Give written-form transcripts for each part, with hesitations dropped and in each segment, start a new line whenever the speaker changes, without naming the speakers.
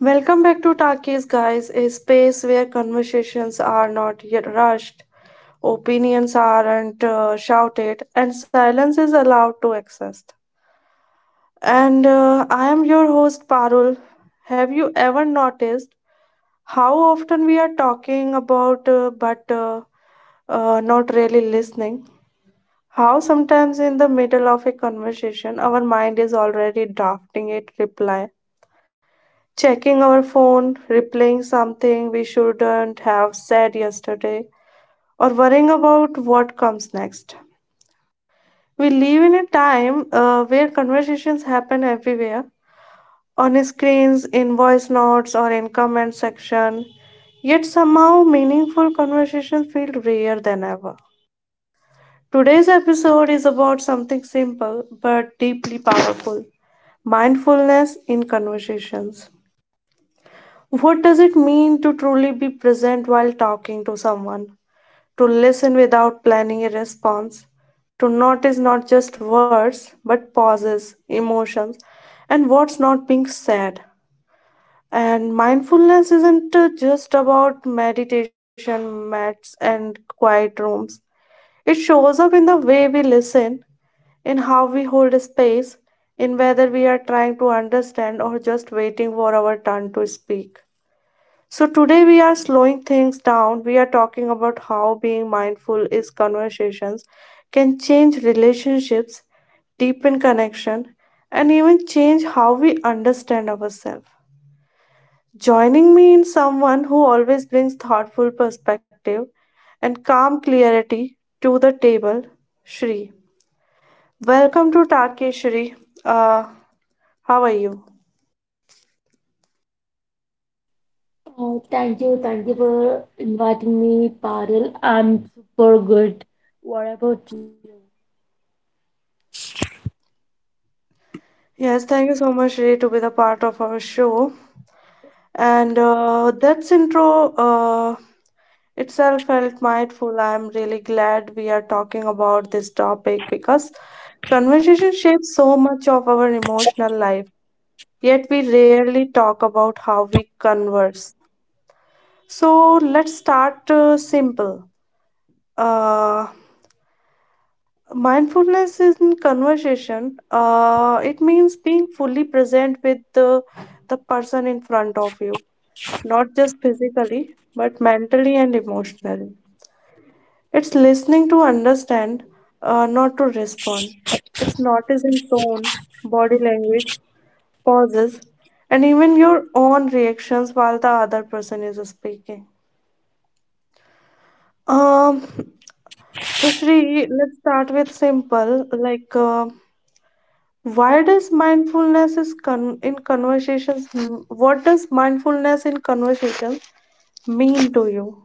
Welcome back to Talkies, guys, a space where conversations are not yet rushed, opinions aren't shouted, and silence is allowed to exist. And I am your host, Parul. Have you ever noticed how often we are talking about, but not really listening? How sometimes in the middle of a conversation, our mind is already drafting a reply, checking our phone, replaying something we shouldn't have said yesterday, or worrying about what comes next. We live in a time where conversations happen everywhere, on screens, in voice notes, or in comment section. Yet somehow, meaningful conversations feel rarer than ever. Today's episode is about something simple but deeply powerful, mindfulness in conversations. What does it mean to truly be present while talking to someone? To listen without planning a response? To notice not just words, but pauses, emotions, and what's not being said? And mindfulness isn't just about meditation mats and quiet rooms. It shows up in the way we listen, in how we hold a space, in whether we are trying to understand or just waiting for our turn to speak. So, today we are slowing things down. We are talking about how being mindful is conversations can change relationships, deepen connection, and even change how we understand ourselves. Joining me in someone who always brings thoughtful perspective and calm clarity to the table, Shri. Welcome to Tarke Shri. Uh, how are you?
Oh, thank you. Thank you for inviting me, Parul. I'm super good. What about you?
Yes, thank you so much, Shri, to be the part of our show. And that's intro itself felt mindful. I'm really glad we are talking about this topic, because conversation shapes so much of our emotional life, yet we rarely talk about how we converse. So let's start simple. uh, Mindfulness in conversation, it means being fully present with the person in front of you, not just physically, but mentally and emotionally. It's listening to understand, not to respond. It's noticing tone, body language, pauses, and even your own reactions while the other person is speaking. Um, so Shri, let's start with simple. Like, why does mindfulness in conversations? What does mindfulness in conversations mean to you?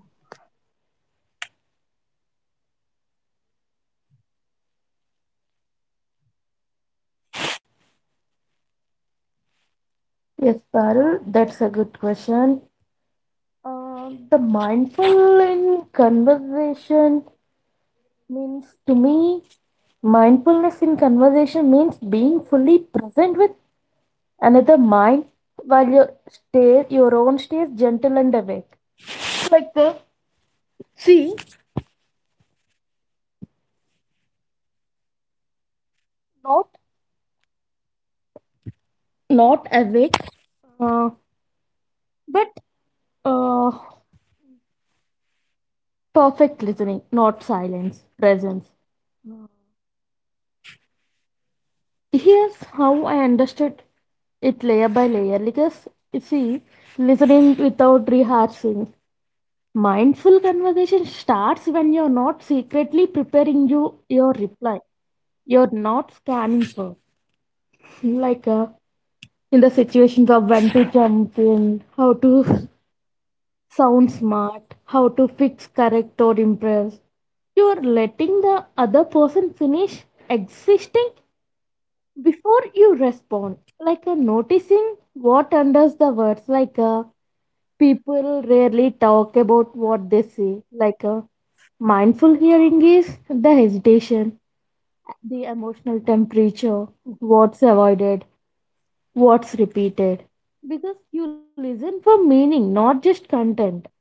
Yes, Parul, that's a good question. The mindful in conversation means, to me, mindfulness in conversation means being fully present with another mind while your stay, your own stays gentle and awake. Like the see, not not awake, uh, but uh, perfect listening, not silence, presence. Here's how I understood it layer by layer because you see, listening without rehearsing. Mindful conversation starts when you're not secretly preparing your reply. You're not scanning for like in the situations of when to jump in, how to sound smart, how to fix, correct or impress. You're letting the other person finish existing before you respond like noticing what under the words like people rarely talk about what they say like mindful hearing is the hesitation, the emotional temperature, what's avoided, what's repeated, because you listen for meaning, not just content.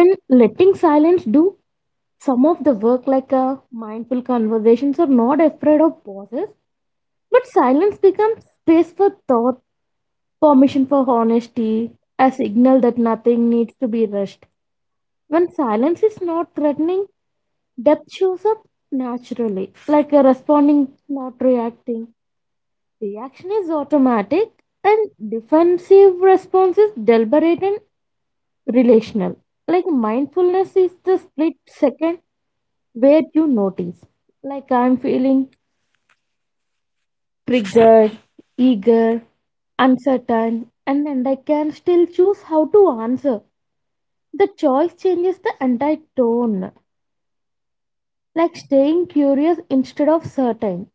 And letting silence do some of the work like mindful conversations are not afraid of pauses, but silence becomes space for thought, permission for honesty, a signal that nothing needs to be rushed. When silence is not threatening, depth shows up naturally, like a responding, not reacting. Reaction is automatic, and defensive response is deliberate and relational. Like mindfulness is the split second where you notice, like I'm feeling triggered, eager, uncertain, and then I can still choose how to answer. The choice changes the entire tone, like staying curious instead of certain.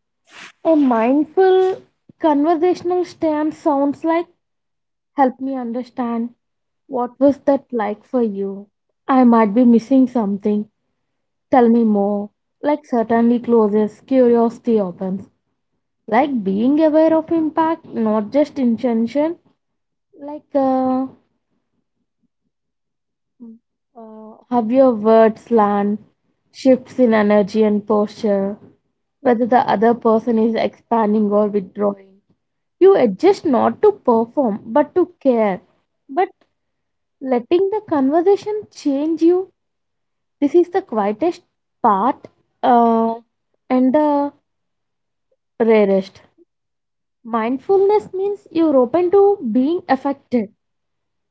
A mindful conversational stance sounds like help me understand what was that like for you. I might be missing something. Tell me more. Like certainly closes, curiosity opens. Like being aware of impact, not just intention. Like uh, Mm. Have your words land, shifts in energy and posture, whether the other person is expanding or withdrawing. You adjust not to perform but to care. But letting the conversation change you, this is the quietest part uh, and the rarest. Mindfulness means you're open to being affected.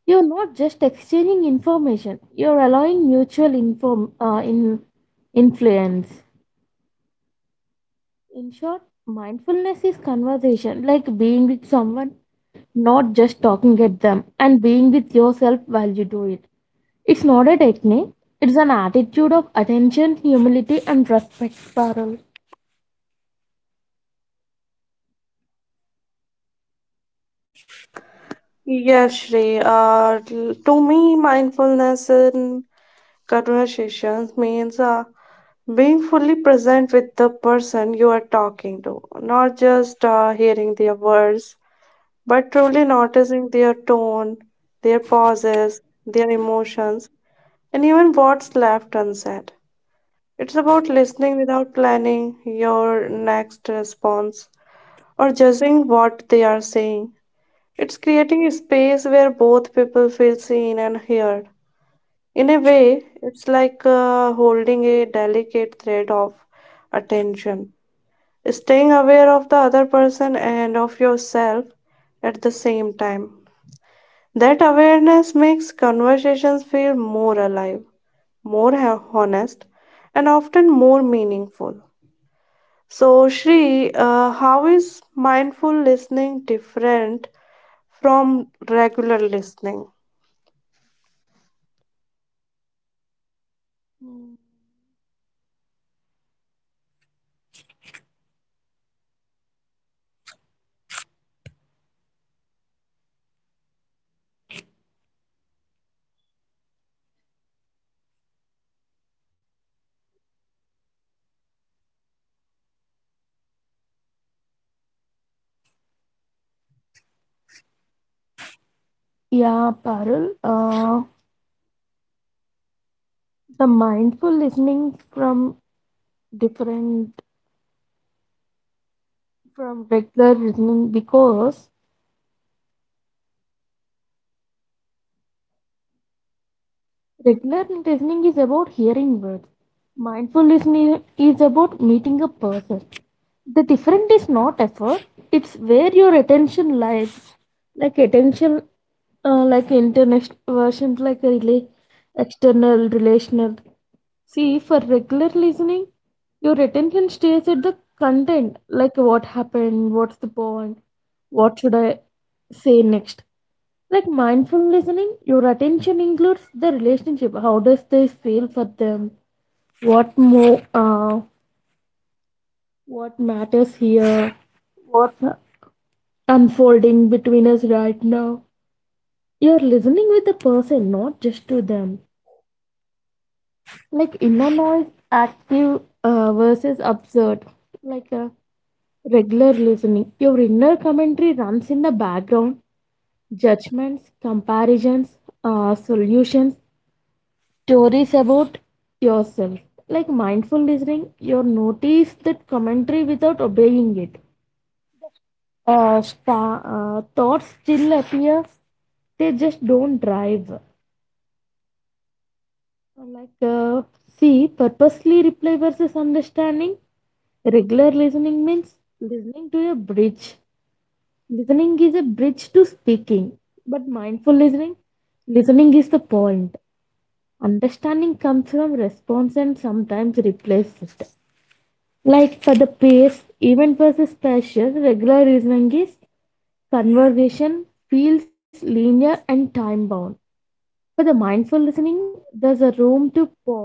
You're not just exchanging information, you're allowing mutual influence. In short, mindfulness is conversation, like being with someone, not just talking at them, and being with yourself while you do it. It's not a technique, it's an attitude of attention, humility, and respect, Parul.
Yes, Shri. To me, mindfulness in conversations means being fully present with the person you are talking to, not just hearing their words, but truly noticing their tone, their pauses, their emotions, and even what's left unsaid. It's about listening without planning your next response or judging what they are saying. It's creating a space where both people feel seen and heard. In a way, it's like holding a delicate thread of attention, staying aware of the other person and of yourself at the same time. That awareness makes conversations feel more alive, more honest, and often more meaningful. So, Shri, how is mindful listening different from regular listening?
Mm. Yeah, Parul. The mindful listening from different from regular listening because regular listening is about hearing words. Mindful listening is about meeting a person. The different is not effort, it's where your attention lies. Like attention like international versions, like a rela external relational. See, for regular listening your attention stays at the content, like what happened, what's the point, what should I say next. Like mindful listening, your attention includes the relationship, how does this feel for them, what more what matters here, what's unfolding between us right now. You're listening with the person, not just to them. Like inner noise, active versus absurd, like a regular listening. Your inner commentary runs in the background. Judgments, comparisons, solutions, stories about yourself. Like mindful listening, you notice that commentary without obeying it. Thoughts still appear, they just don't drive. like uh, See, purposely reply versus understanding. Regular listening means listening to a bridge, listening is a bridge to speaking, but mindful listening, listening is the point, understanding comes from response and sometimes replaces it. Like for the pace, event versus special, regular reasoning is conversation feels linear and time bound. For the mindful listening, there's a room to pause,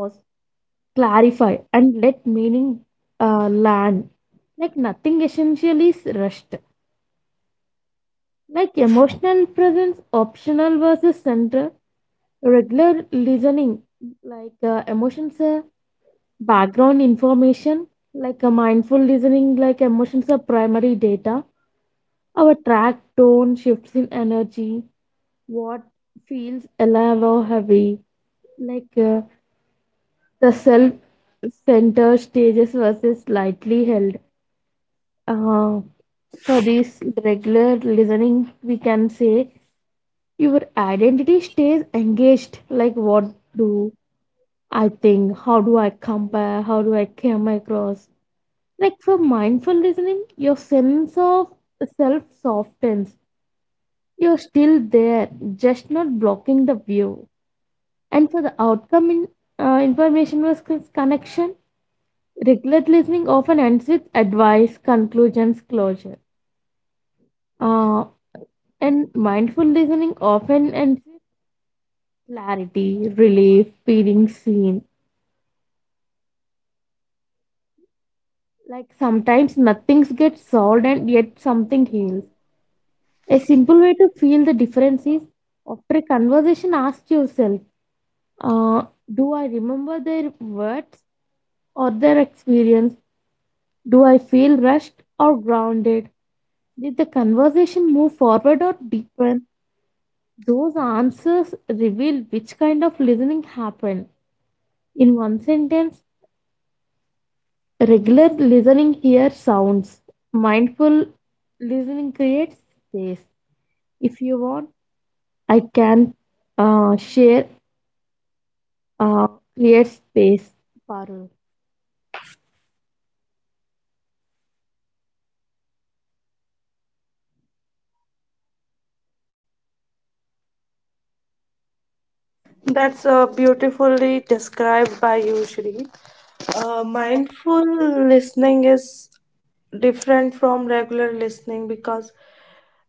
clarify, and let meaning land. Like nothing essential is rushed. Like emotional presence, optional versus central, regular listening, like emotions are background information, like a mindful listening, like emotions are primary data. Our track tone shifts in energy. What feels alive or heavy, like the self centered stages versus slightly held. Uh, for this regular listening, we can say your identity stays engaged. Like, what do I think? How do I compare? How do I come across? Like, for mindful listening, your sense of self softens. You're still there, just not blocking the view. And for the outcome in information versus connection, regular listening often ends with advice, conclusions, closure. Uh, and mindful listening often ends with clarity, relief, feeling seen. Like sometimes nothing gets solved and yet something heals. A simple way to feel the difference is after a conversation, ask yourself, uh, do I remember their words? Or their experience? Do I feel rushed or grounded? Did the conversation move forward or deepen? Those answers reveal which kind of listening happened. In one sentence, regular listening here sounds. Mindful listening creates space. If you want, I can share, uh, create space. Parul.
That's beautifully described by you, Shri. Mindful listening is different from regular listening because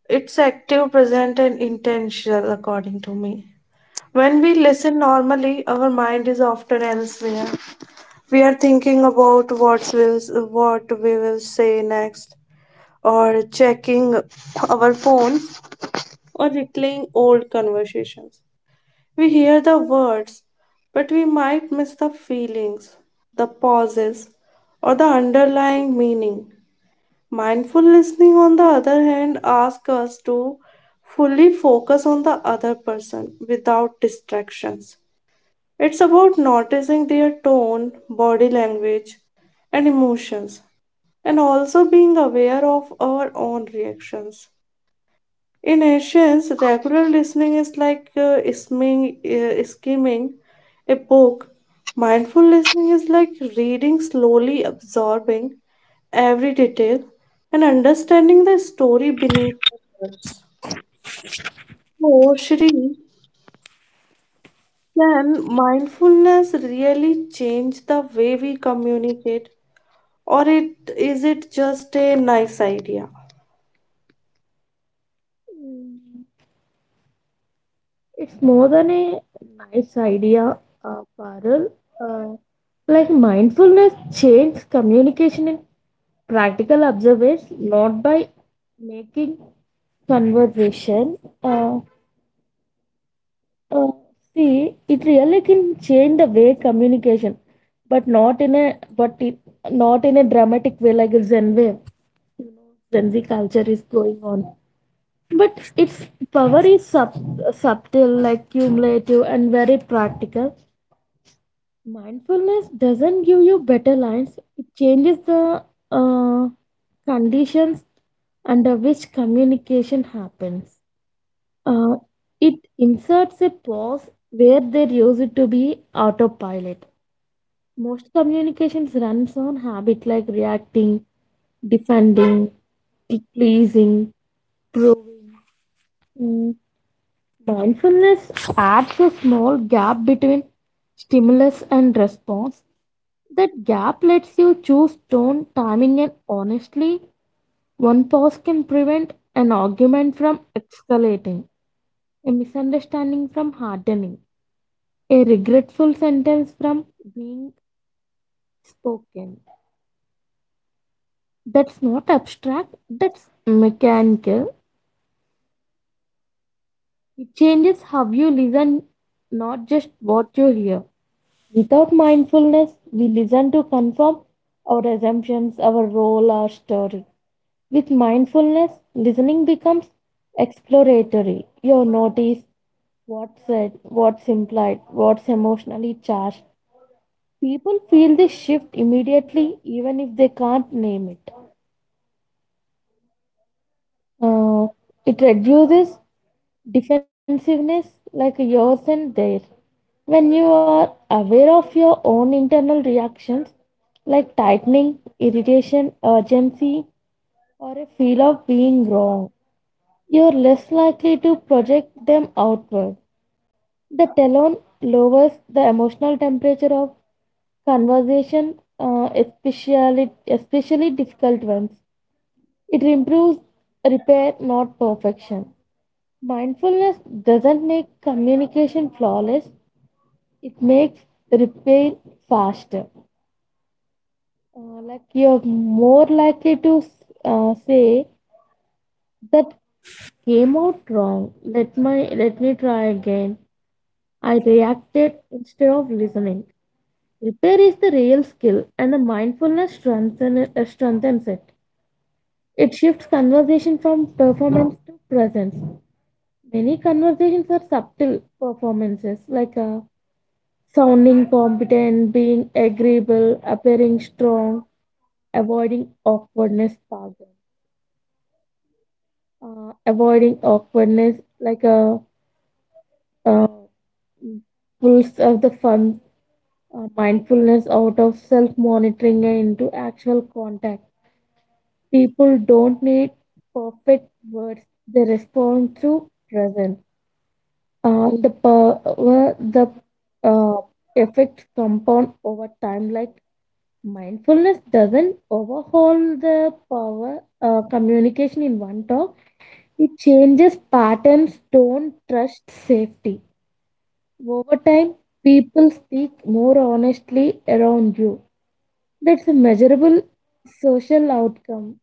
it's active, present, and intentional, according to me. When we listen normally, our mind is often elsewhere. We are thinking about what we will say next, or checking our phones, or replaying old conversations. We hear the words, but we might miss the feelings, the pauses, or the underlying meaning. Mindful listening, on the other hand, asks us to fully focus on the other person without distractions. It's about noticing their tone, body language, and emotions, and also being aware of our own reactions. In Asians, regular listening is like skimming a book. Mindful listening is like reading slowly, absorbing every detail and understanding the story beneath the words. So, Shri, can mindfulness really change the way we communicate, or it is it just a nice idea?
Mm, It's more than a nice idea, Parul. Uh, Like mindfulness changes communication in practical observers, not by making conversation. Uh, uh, See, it really can change the way communication, but not in a but it, not in a dramatic way like a Zen way. You know, Gen Z culture is going on, but its power is subtle, like cumulative, and very practical. Mindfulness doesn't give you better lines, it changes the uh, conditions under which communication happens. Uh, it inserts a pause where there used to be autopilot. Most communications runs on habit, like reacting, defending, pleasing, proving. Mm, Mindfulness adds a small gap between stimulus and response. That gap lets you choose tone, timing, and honestly, one pause can prevent an argument from escalating, a misunderstanding from hardening, a regretful sentence from being spoken. That's not abstract, that's mechanical. It changes how you listen, not just what you hear. Without mindfulness, we listen to confirm our assumptions, our role, our story. With mindfulness, listening becomes exploratory. You notice what's said, what's implied, what's emotionally charged. People feel this shift immediately, even if they can't name it. Uh, it reduces defensiveness, like yours and theirs. When you are aware of your own internal reactions, like tightening, irritation, urgency, or a feel of being wrong, you're less likely to project them outward. The tone lowers the emotional temperature of conversation, especially difficult ones. It improves repair, not perfection. Mindfulness doesn't make communication flawless, it makes repair faster. Like you're more likely to say that came out wrong. Let me try again. I reacted instead of listening. Repair is the real skill, and the mindfulness strengthens it. It shifts conversation from performance to presence. Many conversations are subtle performances, like sounding competent, being agreeable, appearing strong, avoiding awkwardness. Pardon. Avoiding awkwardness, like a uh, uh, pulse of the fun, mindfulness out of self monitoring and into actual contact. People don't need perfect words, they respond through present. The power, the uh, effect compound over time, like mindfulness doesn't overhaul the power communication in one talk, it changes patterns, tone, trust safety. Over time, people speak more honestly around you. That's a measurable social outcome.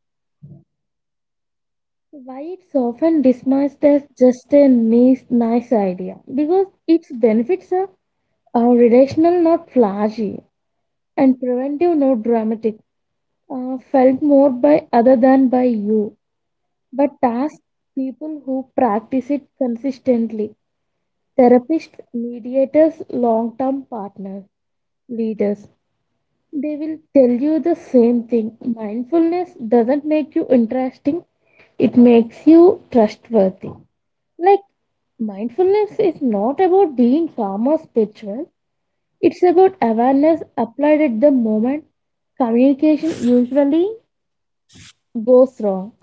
Why it's often dismissed as just a nice idea? Because its benefits are relational, not flashy, and preventive, not dramatic. Felt more by other than by you, but ask people who practice it consistently. Therapists, mediators, long term partners, leaders. They will tell you the same thing. Mindfulness doesn't make you interesting, it makes you trustworthy. Like mindfulness is not about being calm or spiritual. It's about awareness applied at the moment communication usually goes wrong.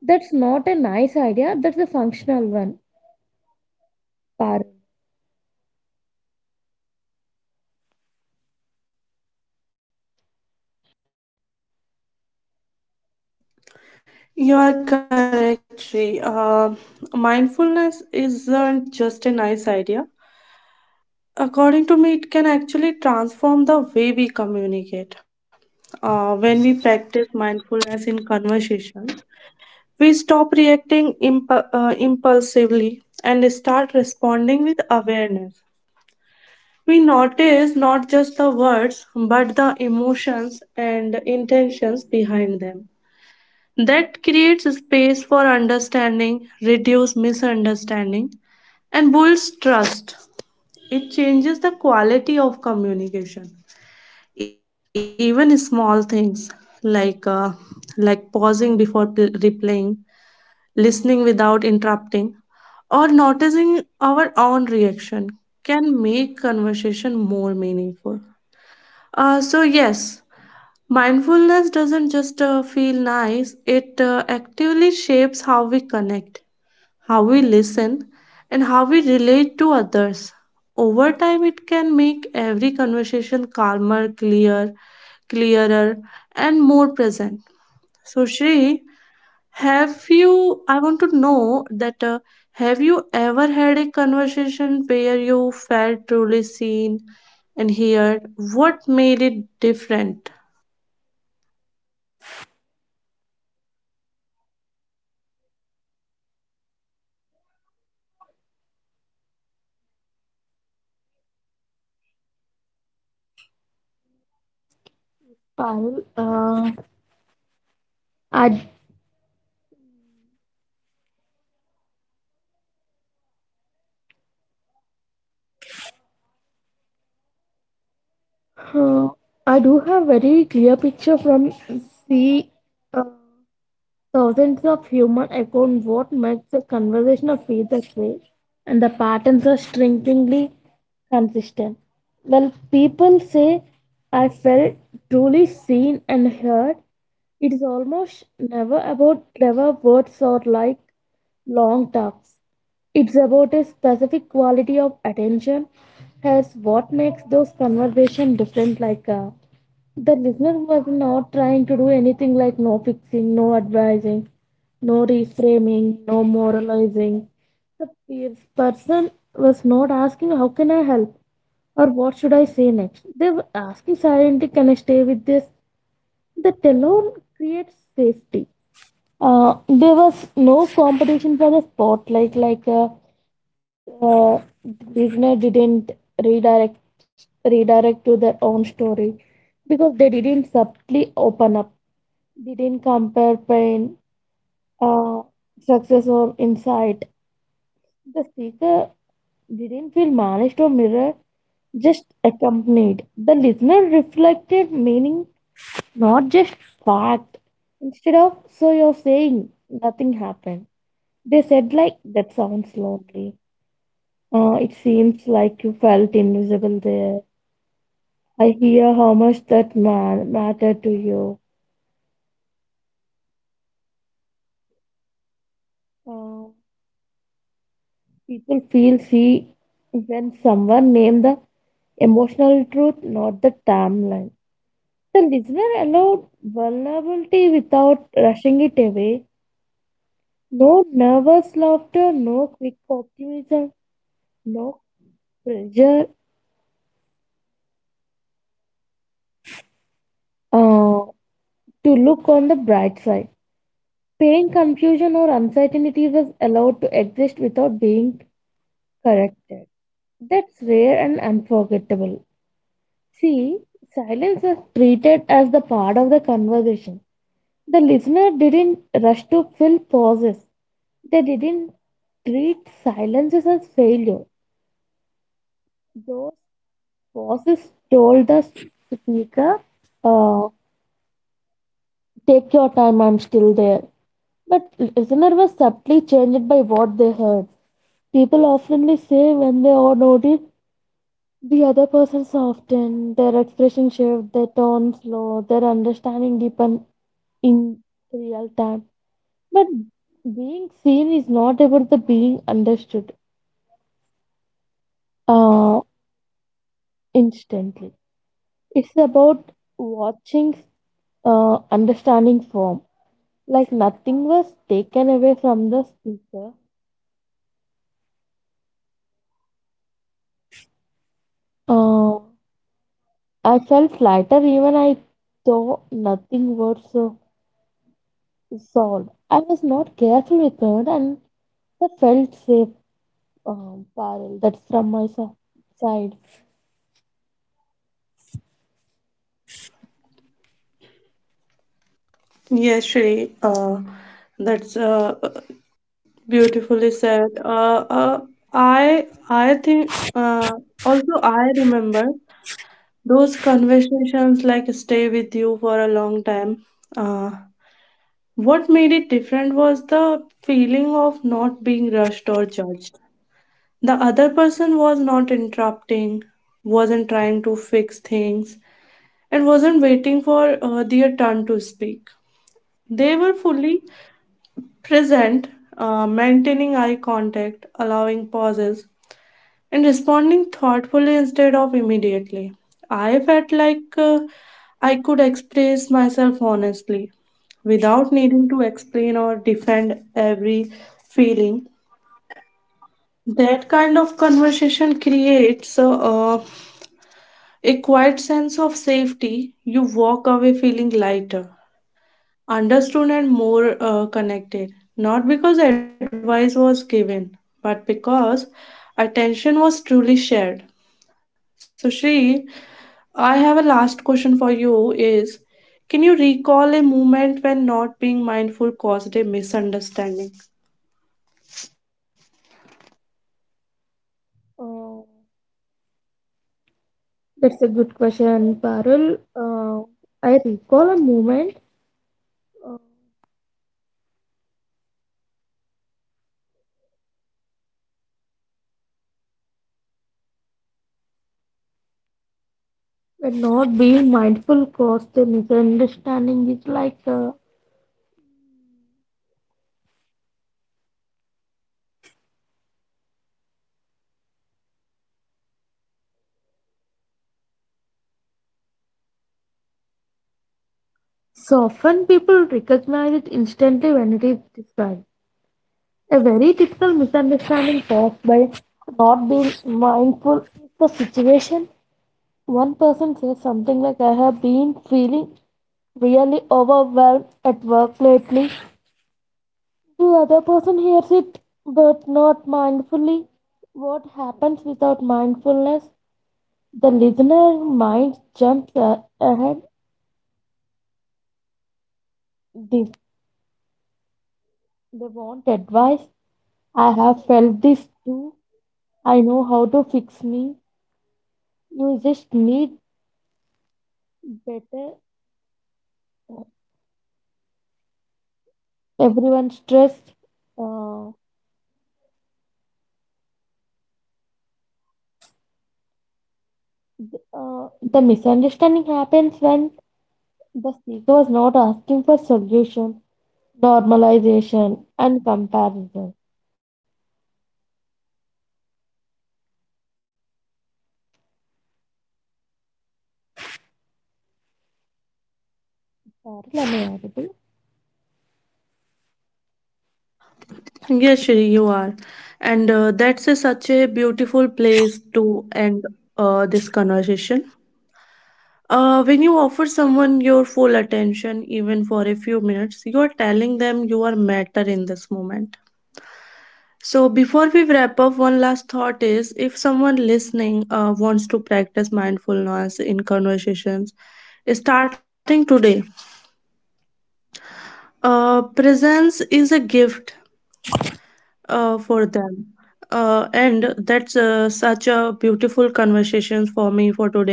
That's not a nice idea. That's a functional one. Parul.
You are correct, Shri. Mindfulness isn't just a nice idea. According to me, it can actually transform the way we communicate. When we practice mindfulness in conversation, we stop reacting impulsively and start responding with awareness. We notice not just the words, but the emotions and intentions behind them. That creates space for understanding, reduce misunderstanding, and builds trust. It changes the quality of communication, even small things like pausing before replaying, listening without interrupting, or noticing our own reaction, can make conversation more meaningful. So yes, mindfulness doesn't just feel nice, it actively shapes how we connect, how we listen, and how we relate to others. Over time, it can make every conversation calmer, clearer, and more present. So, Shri, have you? I want to know that have you ever had a conversation where you felt truly seen and heard? What made it different?
Parul. I, uh, I do have very clear picture from C. Uh, Thousands of human echoed what makes the conversation feel that way, and the patterns are strikingly consistent. Well, people say I felt truly seen and heard. It is almost never about clever words or like long talks. It's about a specific quality of attention, as what makes those conversations different, like the listener was not trying to do anything, like no fixing, no advising, no reframing, no moralizing. The peers person was not asking, how can I help? Or what should I say next? They were asking silently, can I stay with this? That alone creates safety. There was no competition for the spotlight. Like the beginner didn't redirect redirect to their own story because they didn't subtly open up. They didn't compare pain, uh, success or insight. The speaker didn't feel managed or mirrored, just accompanied. The listener reflected meaning, not just fact. Instead of so you're saying nothing happened. They said, like, that sounds lonely. It seems like you felt invisible there. I hear how much that man mattered to you. Uh, People feel see when someone named the emotional truth, not the timeline. The listener allowed vulnerability without rushing it away. No nervous laughter, no quick optimism, no pressure uh, to look on the bright side. Pain, confusion, or uncertainty was allowed to exist without being corrected. That's rare and unforgettable. See, silence was treated as the part of the conversation. The listener didn't rush to fill pauses, they didn't treat silences as failure. Those pauses told the speaker, uh, take your time, I'm still there. But listener was subtly changed by what they heard. People oftenly say when they are notice the other person soften, their expression shift, their tone slow, their understanding deepen in real time. But being seen is not about the being understood uh, instantly. It's about watching, understanding form. Like nothing was taken away from the speaker. Uh, I felt lighter even I though nothing was solved. I was not careful with it, and the felt safe, Parul. That's from my side.
Yes, Shri, that's beautifully said. I think also I remember those conversations like stay with you for a long time. Uh, what made it different was the feeling of not being rushed or judged. The other person was not interrupting, wasn't trying to fix things, and wasn't waiting for their turn to speak. They were fully present, maintaining eye contact, allowing pauses and responding thoughtfully instead of immediately. I felt like I could express myself honestly without needing to explain or defend every feeling. That kind of conversation creates uh, a quiet sense of safety. You walk away feeling lighter, understood, and more connected. Not because advice was given, but because attention was truly shared. So, Shri, I have a last question for you is can you recall a moment when not being mindful caused a misunderstanding?
Uh, that's a good question, Parul. I recall a moment uh, when not being mindful caused a misunderstanding. It's like so often people recognize it instantly when it is described. A very typical misunderstanding caused by not being mindful is the situation. One person says something like, I have been feeling really overwhelmed at work lately. The other person hears it but not mindfully. What happens without mindfulness? The listener mind jumps ahead. This they want advice. I have felt this too. I know how to fix me. You just need better. Everyone stressed. Uh, the misunderstanding happens when the speaker was not asking for solution, normalization, and comparison. Sorry, am I audible?
Yes, Shri, you are. And that's a, such a beautiful place to end this conversation. When you offer someone your full attention, even for a few minutes, you are telling them you are matter in this moment. So, before we wrap up, one last thought is if someone listening wants to practice mindfulness in conversations, starting today, presence is a gift for them. And that's such a beautiful conversations for me for today.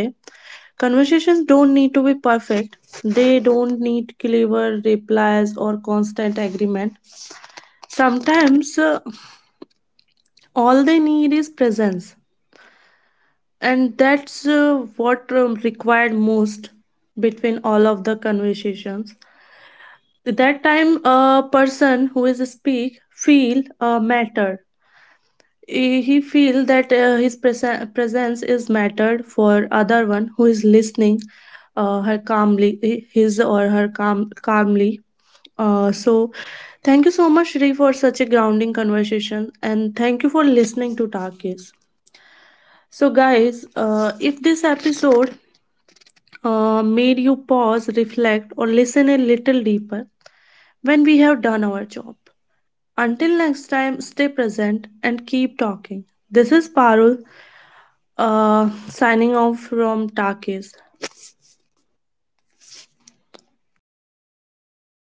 Conversations don't need to be perfect. They don't need clever replies or constant agreement. Sometimes all they need is presence, and that's what required most between all of the conversations. At that time a person who is speak feel mattered, he feel that his presence is mattered for other one who is listening, her calmly his or her calm calmly. So thank you so much Shri for such a grounding conversation, and thank you for listening to Takis. So guys, if this episode made you pause, reflect, or listen a little deeper, when we have done our job. Until next time, stay present and keep talking. This is Parul, signing off from Takis.